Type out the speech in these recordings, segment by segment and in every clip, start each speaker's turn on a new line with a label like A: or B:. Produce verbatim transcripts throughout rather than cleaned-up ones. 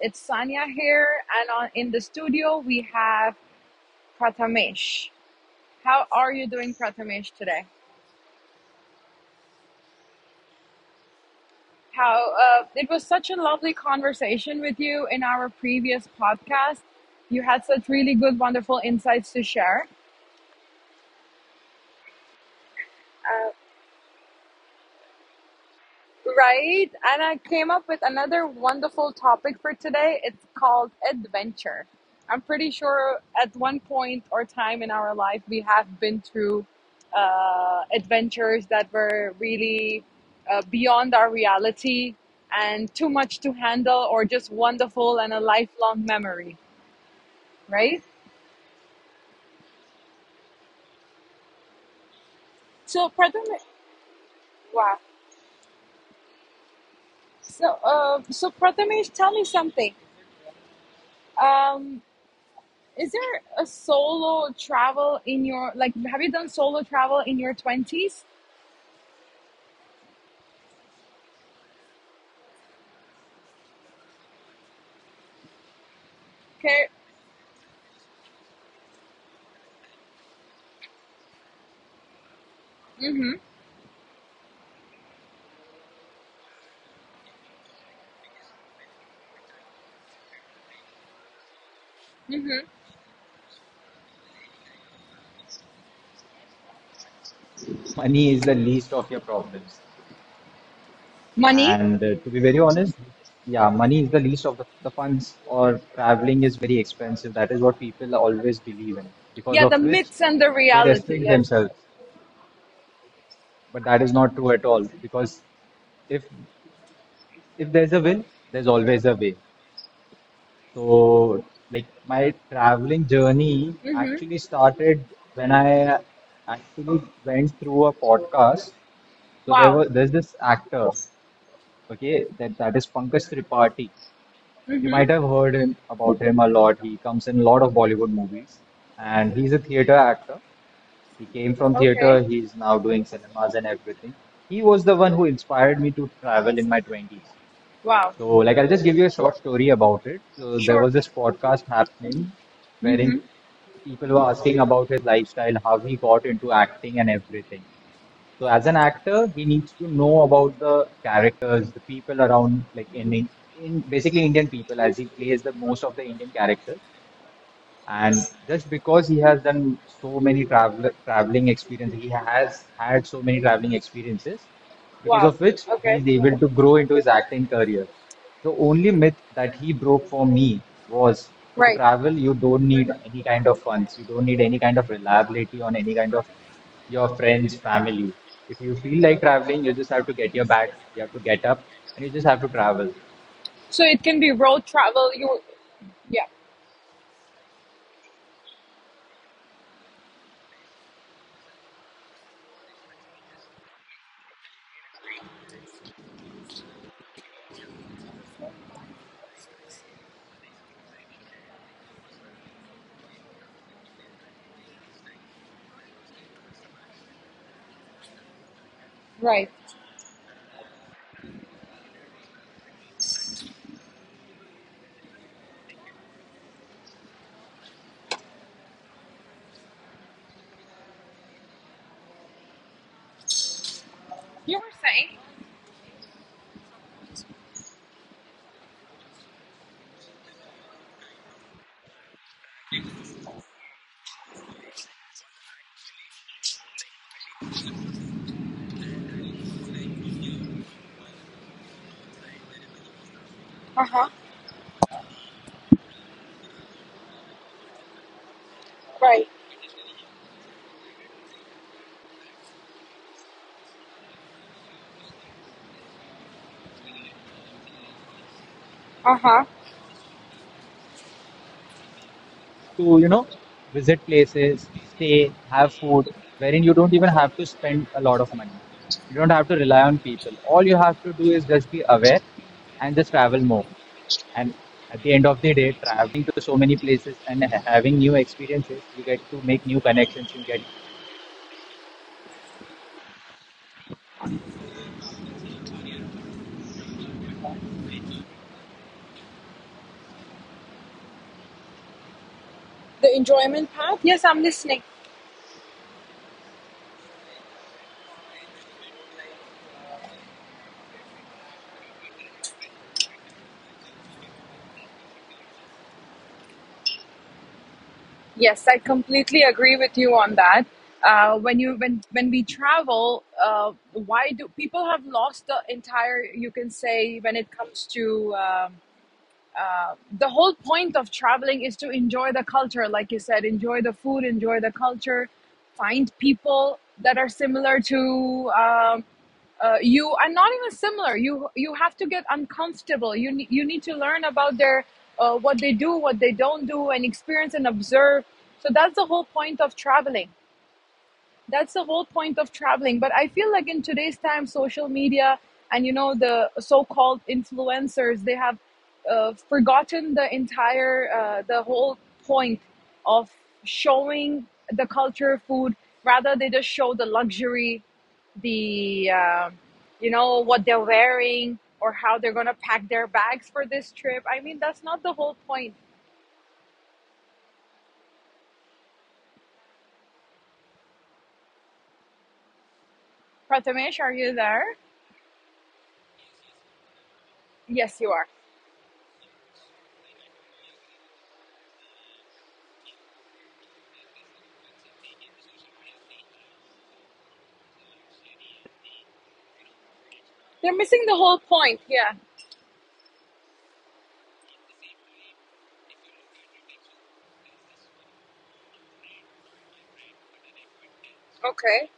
A: It's Sanya here, and on, in the studio we have Prathamesh. How are you doing, Prathamesh, today? How uh, It was such a lovely conversation with you in our previous podcast. You had such really good, wonderful insights to share. Right? And I came up with another wonderful topic for today. It's called adventure. I'm pretty sure at one point or time in our life, we have been through uh, adventures that were really uh, beyond our reality and too much to handle, or just wonderful and a lifelong memory, right? So, Prathamesh, wow. So, uh, so Prathamesh, tell me something. Um, Is there a solo travel in your like? Have you done solo travel in your twenties? Okay. Mhm. Mhm.
B: Money is the least of your problems.
A: Money.
B: And uh, to be very honest, yeah, money is the least of the, the funds, or traveling is very expensive. That is what people always believe in, because
A: Yeah, the
B: of which
A: myths and the
B: they
A: reality.
B: restrict
A: Yes.
B: themselves. But that is not true at all, because if if there's a will, there's always a way. So, like, my traveling journey
A: Mhm.
B: actually started when I actually went through a podcast. So there
A: Wow.
B: was there's this actor. Okay, that that is Pankaj Tripathi. You
A: Mhm.
B: might have heard him about him a lot. He comes in a lot of Bollywood movies, and he's a theater actor. He came from
A: Okay.
B: theater. He's now doing cinemas and everything. He was the one who inspired me to travel in my twenties.
A: Wow.
B: So, like, I'll just give you a short story about it. So, there
A: Sure.
B: was this podcast happening wherein
A: Mhm.
B: people were asking about his lifestyle, how he got into acting and everything. So as an actor, he needs to know about the characters, the people around, like in in basically Indian people, as he plays the most of the Indian characters. And just because he has done so many travel traveling experiences, he has had so many traveling experiences, because
A: Wow.
B: of which he
A: Okay.
B: is able to grow into his acting career. The only myth that he broke for me was to
A: Right.
B: travel, you don't need any kind of funds, you don't need any kind of reliability on any kind of your friends, family. If you feel like traveling, you just have to get your bag, you have to get up, and you just have to travel
A: So it can be road travel. You. Yeah. Right. You were saying. Uh huh. Right. Uh huh.
B: to, you know, visit places, stay, have food, wherein you don't even have to spend a lot of money. You don't have to rely on people. All you have to do is just be aware and just travel more. And at the end of the day, traveling to so many places and ha- having new experiences, you get to make new connections, you get
A: The enjoyment part? Yes, I'm listening. Yes, I completely agree with you on that. Uh, when you when when we travel, uh, why do people have lost the entire? You can say when it comes to. Um, uh, the whole point of traveling is to enjoy the culture, like you said, enjoy the food, enjoy the culture, find people that are similar to um, uh, you, and not even similar. You you have to get uncomfortable. You ne- you need to learn about their uh, what they do, what they don't do, and experience and observe. So that's the whole point of traveling, that's the whole point of traveling. But I feel like in today's time, social media and, you know, the so-called influencers, they have uh, forgotten the entire uh, the whole point of showing the culture, food. Rather, they just show the luxury, the uh, you know what they're wearing or how they're gonna pack their bags for this trip. I mean, that's not the whole point. Prathamesh, are you there? Yes, you are. They're missing the whole point. Yeah. Okay.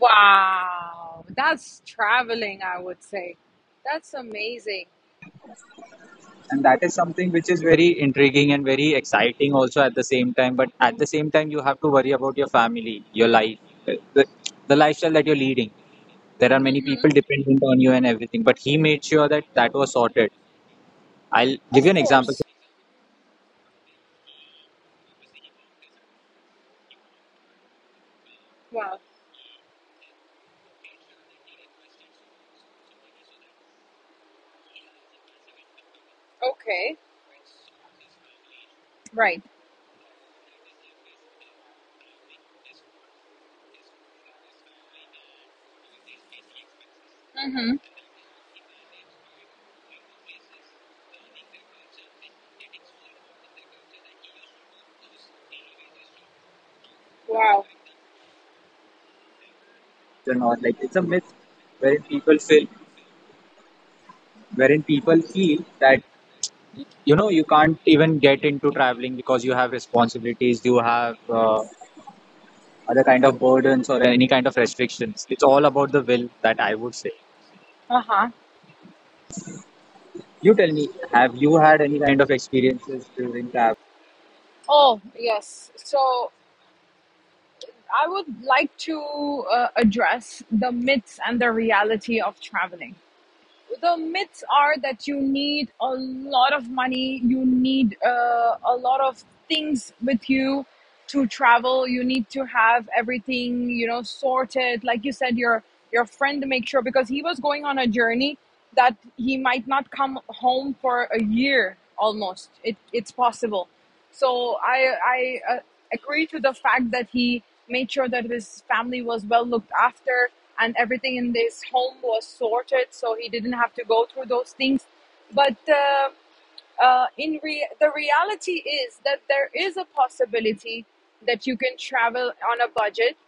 A: Wow, that's traveling, I would say. That's amazing.
B: and that is something which is very intriguing and very exciting also at the same time, but at the same time you have to worry about your family, your life, uh, the, the lifestyle that you're leading. There are many people
A: Mm-hmm.
B: dependent on you and everything, but he made sure that that was sorted. I'll give you
A: Of
B: an example
A: course. Wow. Okay. Right. Mm-hmm. Wow.
B: or not. Like, it's a myth wherein people feel wherein people feel that you know you can't even get into traveling because you have responsibilities, you have uh, other kind of burdens or any kind of restrictions. It's all about the will that I would say.
A: Uh huh.
B: You tell me, have you had any kind of experiences during travel?
A: Oh, yes. So I would like to uh, address the myths and the reality of traveling. The myths are that you need a lot of money, you need uh, a lot of things with you to travel. You need to have everything, you know, sorted. Like you said, your your friend, make sure, because he was going on a journey that he might not come home for a year almost. It it's possible. So I I uh, Agree to the fact that he made sure that his family was well looked after and everything in this home was sorted, so he didn't have to go through those things. But uh, uh, in re- the reality is that there is a possibility that you can travel on a budget.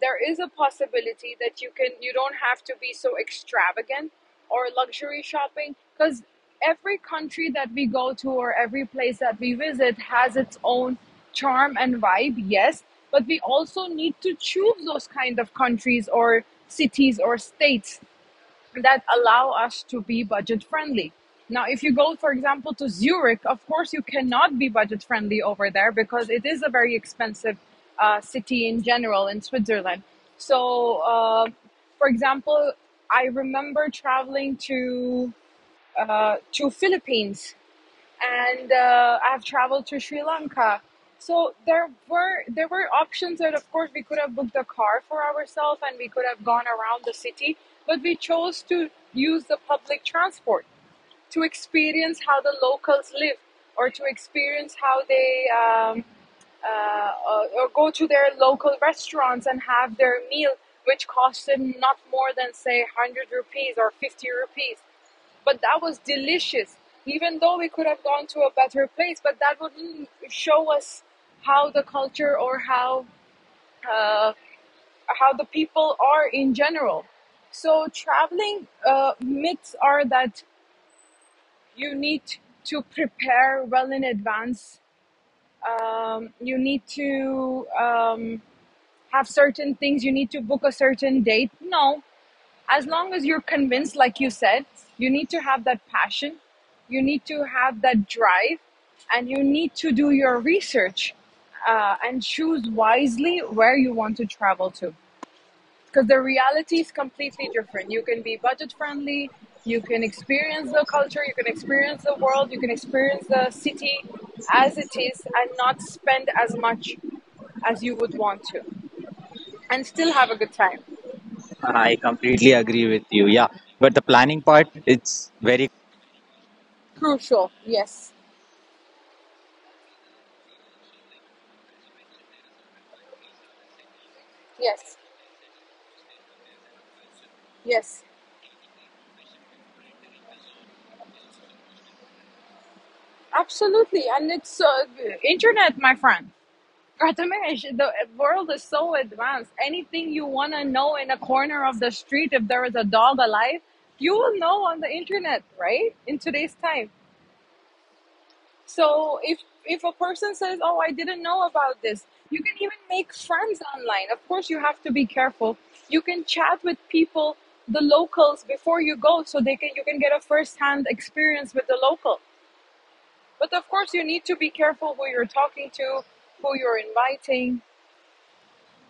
A: There is a possibility that you can you don't have to be so extravagant or luxury shopping, because every country that we go to or every place that we visit has its own charm and vibe. Yes, but we also need to choose those kind of countries or cities or states that allow us to be budget friendly. Now, if you go, for example, to Zurich, of course, you cannot be budget friendly over there because it is a very expensive uh, city in general in Switzerland. So, uh, for example, I remember traveling to uh, to Philippines, and uh, I've traveled to Sri Lanka. So there were there were options that, of course, we could have booked a car for ourselves and we could have gone around the city, but we chose to use the public transport to experience how the locals live or to experience how they um, uh, or, go to their local restaurants and have their meal, which cost them not more than say one hundred rupees or fifty rupees. But that was delicious, even though we could have gone to a better place, but that wouldn't show us how the culture or how uh, how the people are in general. So traveling uh, myths are that you need to prepare well in advance. Um, you need to um, have certain things. You need to book a certain date. No, as long as you're convinced, like you said, you need to have that passion. You need to have that drive, and you need to do your research uh, and choose wisely where you want to travel to, because the reality is completely different. You can be budget friendly, you can experience the culture, you can experience the world, you can experience the city as it is and not spend as much as you would want to and still have a good time.
B: I completely agree with you. Yeah, but the planning part, it's very.
A: Crucial. Yes. Yes. Yes. Absolutely. And it's uh, internet, my friend. Prathamesh, the world is so advanced. Anything you want to know in a corner of the street, if there is a dog alive, you will know on the internet, right? In today's time. So if if a person says, "Oh, I didn't know about this," you can even make friends online. Of course, you have to be careful. You can chat with people, the locals, before you go, so they can you can get a first-hand experience with the local. But of course, you need to be careful who you're talking to, who you're inviting.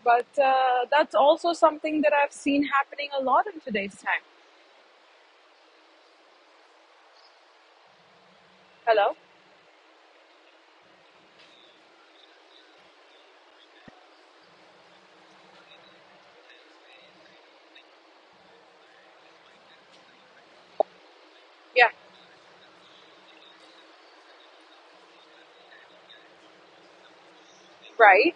A: But uh, that's also something that I've seen happening a lot in today's time. Hello? Yeah, right.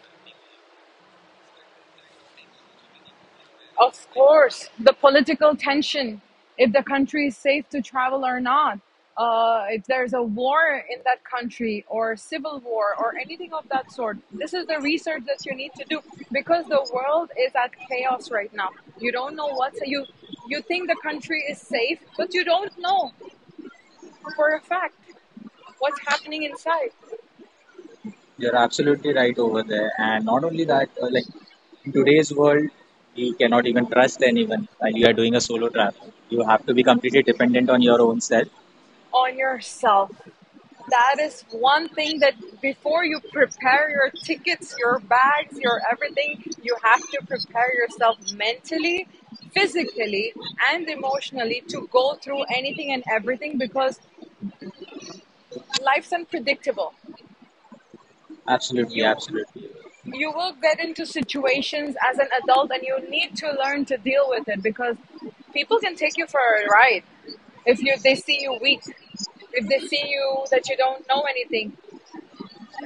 A: Of course, the political tension, if the country is safe to travel or not, uh, if there's a war in that country or civil war or anything of that sort. This is the research that you need to do because the world is at chaos right now. You don't know what's you you think the country is safe, but you don't know for a fact what's happening inside.
B: You're absolutely right over there. And not only
A: Yeah.
B: that, uh, like in today's world, you cannot even trust anyone while you are doing a solo travel. You have to be completely dependent on your own self.
A: On yourself. That is one thing that before you prepare your tickets, your bags, your everything, you have to prepare yourself mentally, physically, and emotionally to go through anything and everything because life's unpredictable.
B: Absolutely,
A: You
B: absolutely.
A: you will get into situations as an adult and you need to learn to deal with it, because people can take you for a ride if you they see you weak, if they see you that you don't know anything.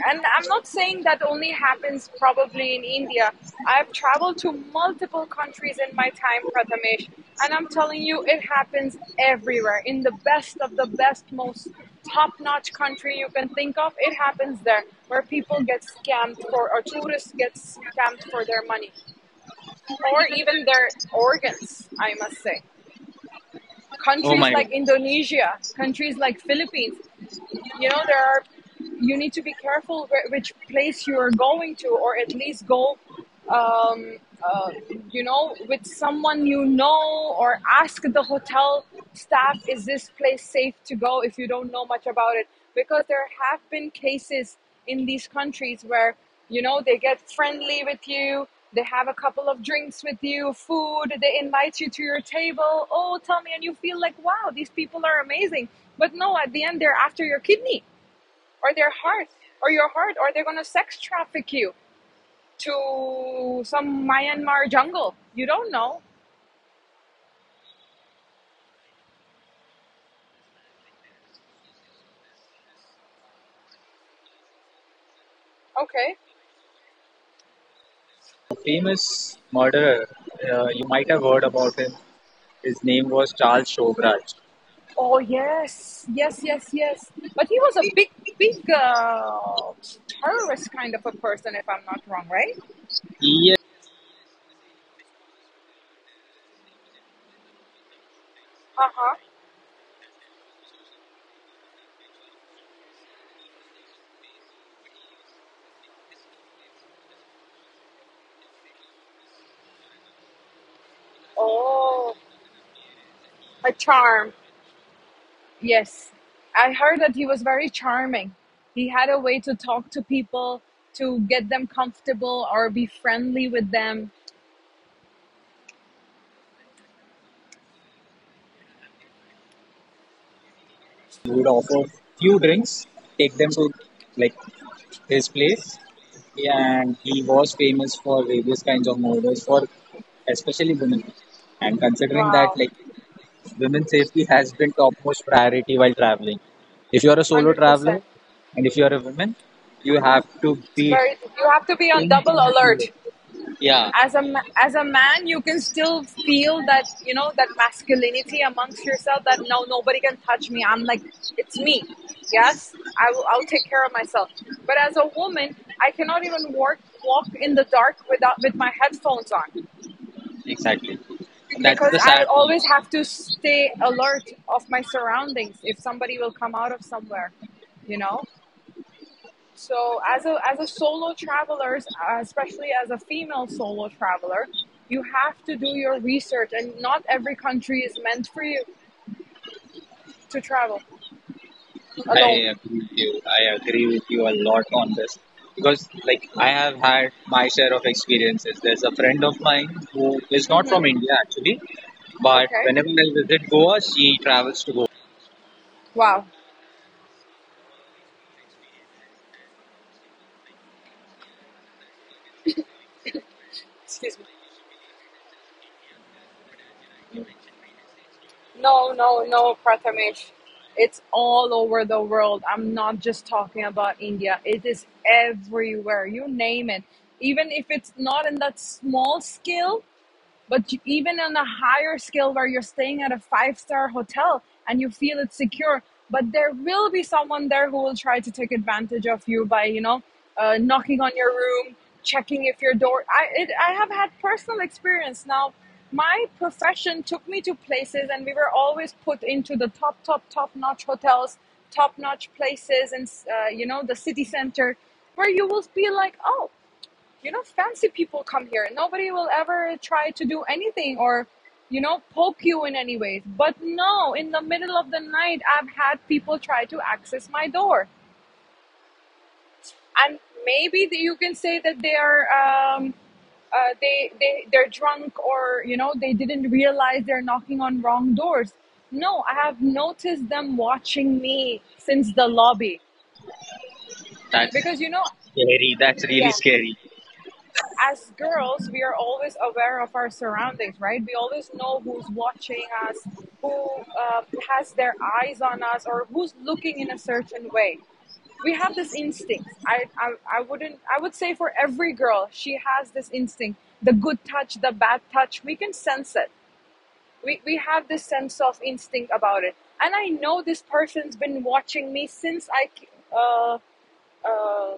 A: And I'm not saying that only happens probably in India. I've traveled to multiple countries in my time, Prathamesh, and I'm telling you, it happens everywhere. In the best of the best, most top notch country you can think of, it happens there, where people get scammed for, or tourists get scammed for their money, or even their organs, I must say.
B: Oh
A: Countries
B: my God.
A: like Indonesia, countries like Philippines, you know, there are you need to be careful which place you are going to, or at least go um, uh, you know, with someone you know, or ask the hotel staff, is this place safe to go if you don't know much about it? Because there have been cases in these countries where, you know, they get friendly with you, they have a couple of drinks with you, food, they invite you to your table. Oh, tell me, and you feel like, wow, these people are amazing. But no, at the end, they're after your kidney or their heart or your heart, or they're gonna sex traffic you to some Myanmar jungle. You don't know. Okay.
B: A famous murderer, uh, you might have heard about him. His name was Charles Shovraj.
A: Oh, yes. Yes, yes, yes. But he was a big, big uh, terrorist kind of a person, if I'm not wrong, right?
B: He
A: Uh huh. Oh, a charm. Yes. I heard that he was very charming. He had a way to talk to people, to get them comfortable or be friendly with them.
B: He would offer few drinks, take them to like his place, and he was famous for various kinds of murders for especially women. And considering that,
A: Wow.
B: like, women's safety has been topmost priority while traveling. If you are a solo traveler
A: one hundred percent.
B: and if you are a woman, you have to
A: It's
B: be
A: very, you have to be on
B: think
A: double
B: and slow.
A: alert.
B: Yeah,
A: as a as a man, you can still feel that, you know, that masculinity amongst yourself, that no, nobody can touch me. I'm like, it's me. Yes, i will i'll take care of myself. But as a woman, I cannot even work, walk in the dark without with my headphones on,
B: exactly. That's
A: because
B: the
A: I
B: sad
A: always
B: part.
A: have to stay alert of my surroundings, if somebody will come out of somewhere. You know so as a as a solo traveler, especially as a female solo traveler, you have to do your research, and not every country is meant for you to travel
B: I
A: alone.
B: agree with you. I agree with you a lot on this because, like, I have had my share of experiences. There's a friend of mine who is not from
A: Mm-hmm.
B: India actually, but
A: Okay.
B: whenever I visit Goa, she travels to Goa.
A: Wow. Excuse me. No, no, no, Prathamesh. It's all over the world. I'm not just talking about India. It is everywhere. You name it. Even if it's not in that small scale, but even on a higher scale where you're staying at a five star hotel and you feel it's secure, but there will be someone there who will try to take advantage of you by, you know, uh, knocking on your room, checking if your door. I, it, I have had personal experience. Now, my profession took me to places and we were always put into the top, top, top notch hotels, top notch places, and, uh, you know, the city center, where you will be like, "Oh, you know, fancy people come here. Nobody will ever try to do anything, or, you know, poke you in any ways." But no, in the middle of the night, I've had people try to access my door. And maybe you can say that they are, um, uh, they, they, they're drunk, or, you know, they didn't realize they're knocking on wrong doors. No, I have noticed them watching me since the lobby.
B: That's
A: Because, you know,
B: scary. That's really
A: yeah,
B: scary.
A: as girls, we are always aware of our surroundings, right? We always know who's watching us, who um, has their eyes on us, or who's looking in a certain way. We have this instinct. I, I, I wouldn't. I would say for every girl, she has this instinct. The good touch, the bad touch, we can sense it. We we have this sense of instinct about it. And I know this person's been watching me since I uh, uh,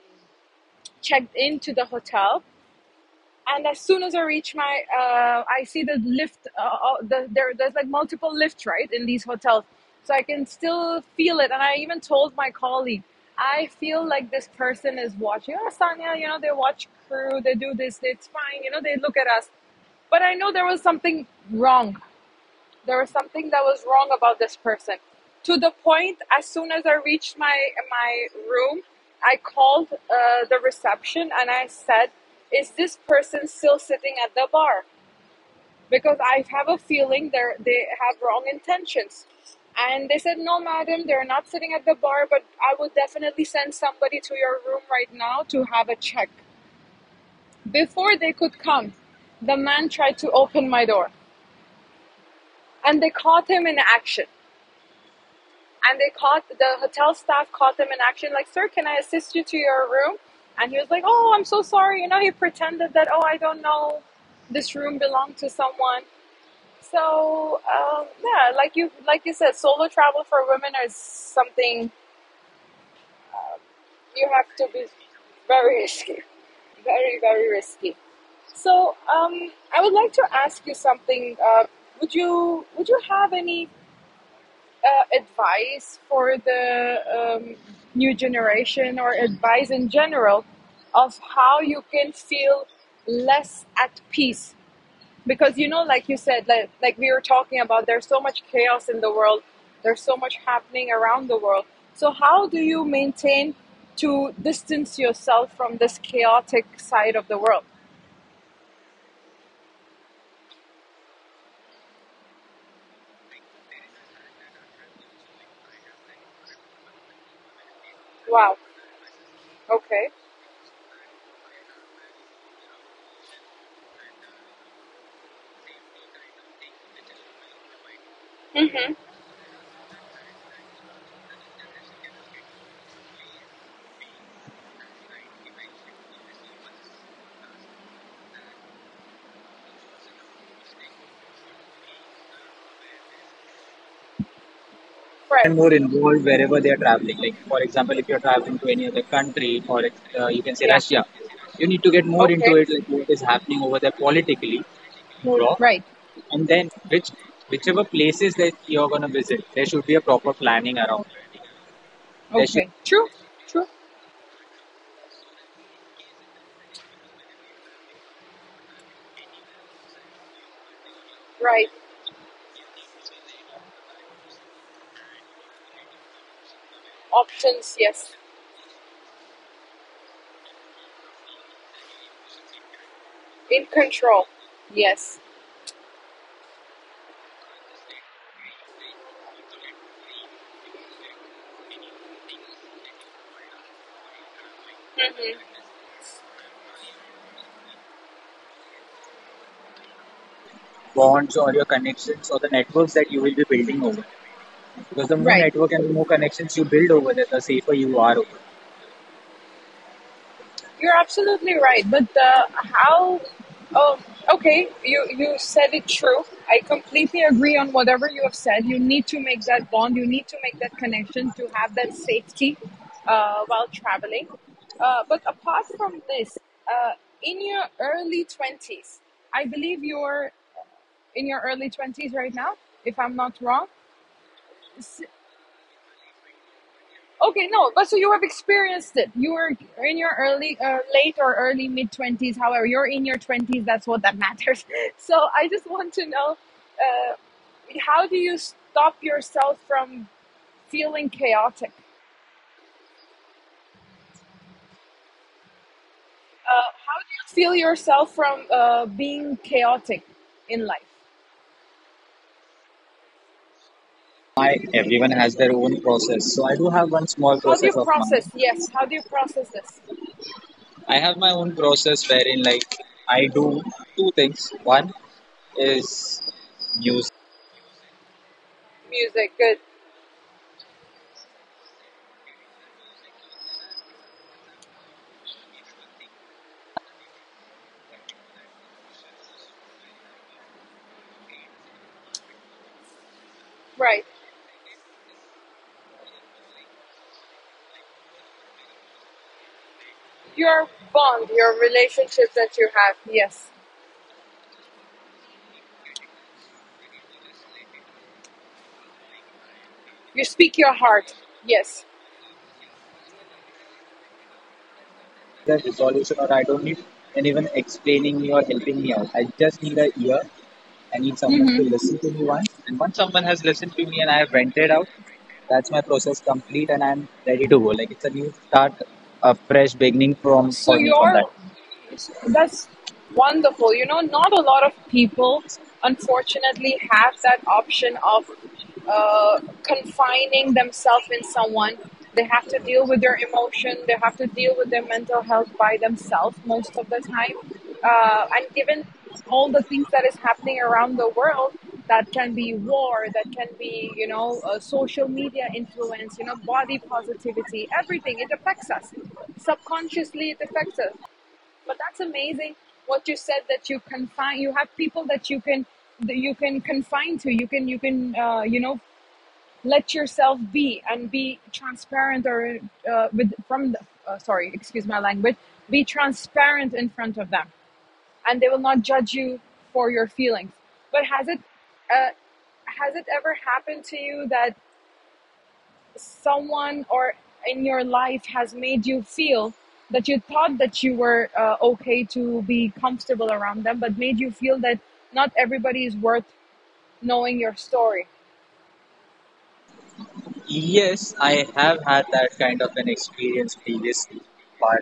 A: checked into the hotel, and as soon as I reach my, uh, I see the lift. Uh, uh, the, there, there's like multiple lifts, right, in these hotels, so I can still feel it. And I even told my colleague, "I feel like this person is watching." "Oh, Sonia, you know, they watch crew, they do this, it's fine, you know, they look at us." But I know there was something wrong. There was something that was wrong about this person. To the point, as soon as I reached my my room, I called uh, the reception and I said, "Is this person still sitting at the bar? Because I have a feeling they they have wrong intentions." And they said, "No, madam, they're not sitting at the bar, but I would definitely send somebody to your room right now to have a check." Before they could come, the man tried to open my door, and they caught him in action, and they caught the hotel staff caught them in action, like, "Sir, can I assist you to your room?" And he was like, "Oh, I'm so sorry." You know he pretended that, "Oh, I don't know, this room belonged to someone." So um, yeah, like you like you said, solo travel for women is something, you have to be very risky, very, very risky. So um, I would like to ask you something. uh, would you would you have any uh, advice for the um, new generation, or advice in general, of how you can feel less at peace? Because you know like you said, like, like we were talking about, there's so much chaos in the world, there's so much happening around the world. So how do you maintain to distance yourself from this chaotic side of the world? Wow. Okay. Mm-hmm. Right.
B: And more involved wherever they are traveling. Like, for example, if you're traveling to any other country, or like, uh, you can say
A: Yeah.
B: Russia, you need to get more into
A: Okay.
B: it, like what is happening over there politically, more of,
A: Right.
B: and then which whichever places that you're gonna visit, there should be a proper planning around it. There
A: Okay. True. True. Right. Options, yes. In control, yes.
B: bonds or your connections or the networks that you will be building over. Because the more
A: Right.
B: network and the more connections you build over there, the safer you are over.
A: You're absolutely right. But uh, how? Oh, okay, you you said it true. I completely agree on whatever you have said. You need to make that bond. You need to make that connection to have that safety uh, while traveling. Uh, but apart from this, uh, in your early twenties, I believe you're in your early twenties right now, if I'm not wrong. Okay, no, but so you have experienced it. You were in your early, uh, late or early mid twenties. However, you're in your twenties. That's what that matters. So I just want to know, uh, how do you stop yourself from feeling chaotic? Feel yourself from uh, being chaotic in life.
B: I everyone has their own process. So I do have one small
A: How do
B: process
A: you
B: of mine.
A: process? Yes, how do you process this?
B: I have my own process wherein, like, I do two things. One is music.
A: Music, good. Right. Your bond, your relationships that you have. Yes. You speak your heart. Yes.
B: A resolution or I don't need anyone explaining me or helping me out. I just need a ear. I need someone to listen to me once. And once someone has listened to me and I have vented out, that's my process complete and I'm ready to go. Like, it's a new start, a fresh beginning from
A: So
B: for me from that.
A: you're that's wonderful. You know, not a lot of people, unfortunately, have that option of uh, confining themselves in someone. They have to deal with their emotion. They have to deal with their mental health by themselves most of the time. Uh, and given all the things that is happening around the world, that can be war, that can be you know uh, social media influence, you know body positivity, everything. It affects us subconsciously. It affects us. But that's amazing what you said, that you confine. You have people that you can that you can confine to. You can you can uh, you know let yourself be and be transparent, or uh, with from the, uh, sorry, excuse my language, be transparent in front of them, and they will not judge you for your feelings. But has it uh, has it ever happened to you, that someone or in your life has made you feel, that you thought that you were uh, okay to be comfortable around them, but made you feel that not everybody is worth knowing your story?
B: Yes, I have had that kind of an experience previously, but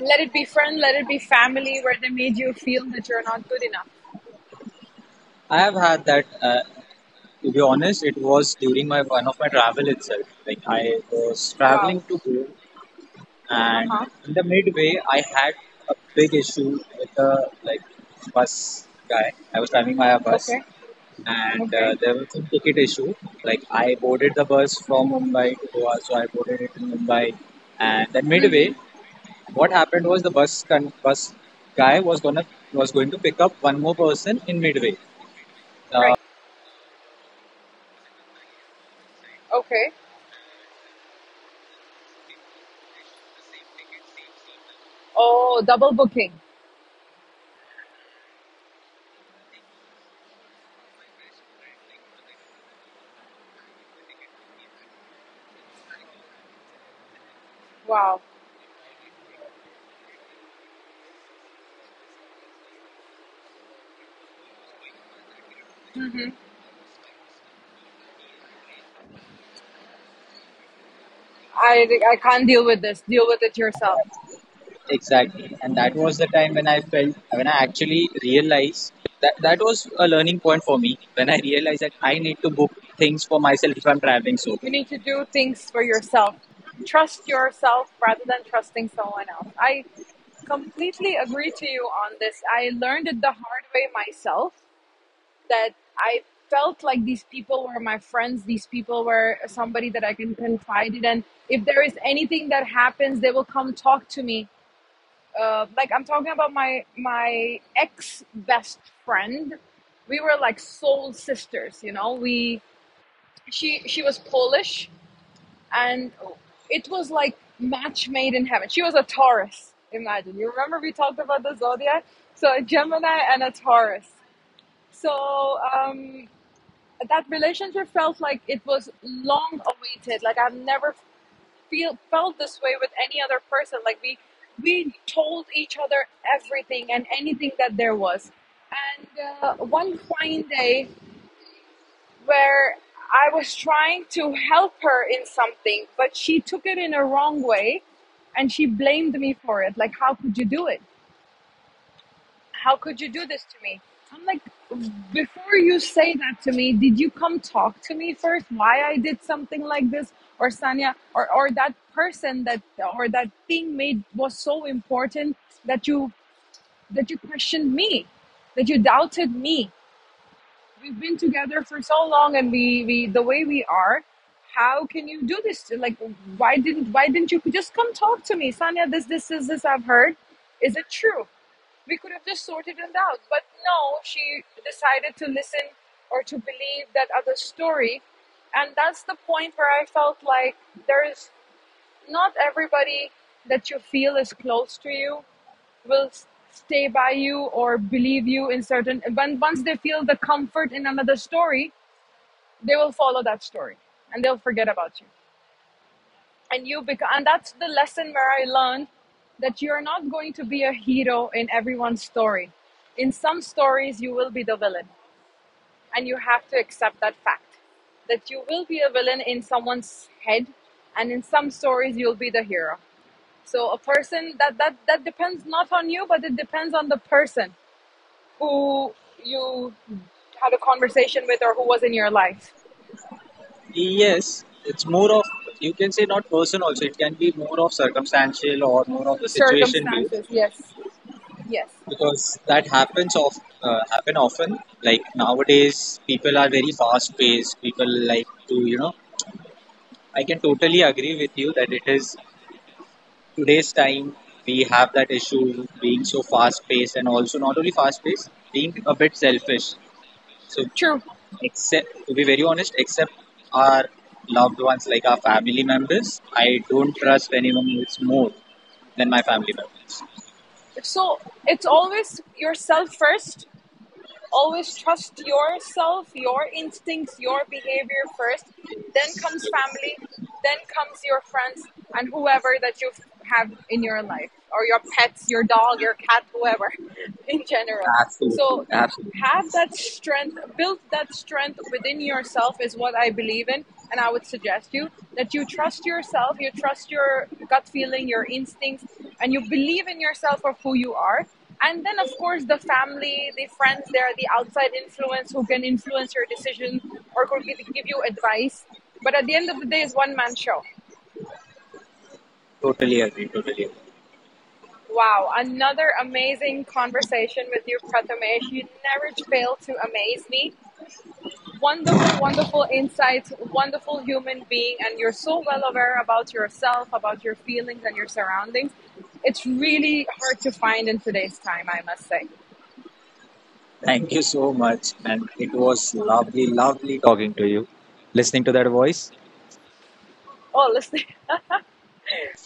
A: Let it be friend, let it be family, where they made you feel that you're not good enough.
B: I have had that. Uh, to be honest, it was during my one of my travel itself. Like, I was
A: Wow.
B: traveling to go,
A: Uh
B: and
A: huh.
B: in the midway, I had a big issue with the, like, bus guy. I was driving my bus,
A: Okay.
B: and
A: Okay.
B: uh, there was some ticket issue. Like, I boarded the bus from Mumbai to Goa, so I boarded it in Mumbai, and then midway.
A: Mm-hmm.
B: What happened was the bus con- bus guy was gonna was going to pick up one more person in midway. Uh,
A: Right. Okay. Oh, double booking. Wow. I, I can't deal with this. Deal with it yourself.
B: Exactly. And that was the time when I felt, when I actually realized that that was a learning point for me when I realized that I need to book things for myself if I'm traveling
A: You
B: solo.
A: need to do things for yourself. Trust yourself rather than trusting someone else. I completely agree to you on this. I learned it the hard way myself, that I felt like these people were my friends. These people were somebody that I can confide in. And if there is anything that happens, they will come talk to me. Uh, like I'm talking about my my ex best friend. We were like soul sisters, you know. We she she was Polish, and it was like match made in heaven. She was a Taurus. Imagine, you remember we talked about the zodiac. So a Gemini and a Taurus. So um, that relationship felt like it was long awaited. Like I've never feel felt this way with any other person. Like we we told each other everything and anything that there was. And uh, one fine day where I was trying to help her in something, but she took it in a wrong way, and she blamed me for it. Like, how could you do it? How could you do this to me? I'm like, before you say that to me, did you come talk to me first? Why I did something like this, or Sanya, or or that person, that or that thing made was so important that you that you questioned me, that you doubted me? We've been together for so long, and we, we the way we are, how can you do this to- like, why didn't why didn't you just come talk to me, Sanya? This this is this, I've heard. Is it true? We could have just sorted it out. But no, she decided to listen or to believe that other story. And that's the point where I felt like, there is not everybody that you feel is close to you, will stay by you or believe you in certain. When once they feel the comfort in another story, they will follow that story, and they'll forget about you, and you become and that's the lesson where I learned, that you're not going to be a hero in everyone's story. In some stories you will be the villain, and you have to accept that fact, that you will be a villain in someone's head, and in some stories you'll be the hero. So a person that that that depends not on you, but it depends on the person who you had a conversation with, or who was in your life.
B: Yes, it's more of, you can say, not person also. It can be more of circumstantial or more of the situation based
A: Circumstances, yes, yes.
B: because that happens of uh, happen often. Like nowadays, people are very fast paced. People like to you know. I can totally agree with you that it is today's time we have that issue being so fast paced and also not only fast paced being a bit selfish. So
A: True,
B: except, to be very honest, except our loved ones, like our family members, I don't
A: true.
B: trust anyone else more than my family members.
A: So it's always yourself first. Always trust yourself, your instincts, your behavior first. Then comes family, then comes your friends, and whoever that you have in your life, or your pets, your dog, your cat, whoever in general.
B: Absolutely,
A: So
B: absolutely.
A: have that strength, build that strength within yourself, is what I believe in, and I would suggest you, that you trust yourself, you trust your gut feeling, your instincts, and you believe in yourself of who you are, and then of course the family, the friends, there the outside influence, who can influence your decision or could give you advice, but at the end of the day, it's one man show.
B: Totally agree, totally agree.
A: Wow. Another amazing conversation with you, Prathamesh. You never fail to amaze me. Wonderful, wonderful insights. Wonderful human being, and you're so well aware about yourself, about your feelings and your surroundings. It's really hard to find in today's time, I must say.
B: Thank you so much. And it was lovely, lovely talking to you, listening to that voice.
A: Oh. Listen,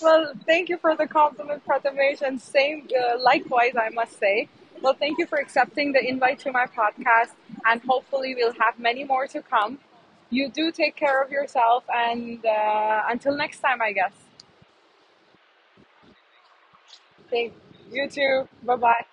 A: well, thank you for the compliment, Prathamesh, and same uh, likewise, I must say. Well, thank you for accepting the invite to my podcast, and hopefully, we'll have many more to come. You do take care of yourself, and uh, until next time, I guess. Thank you too. Bye bye.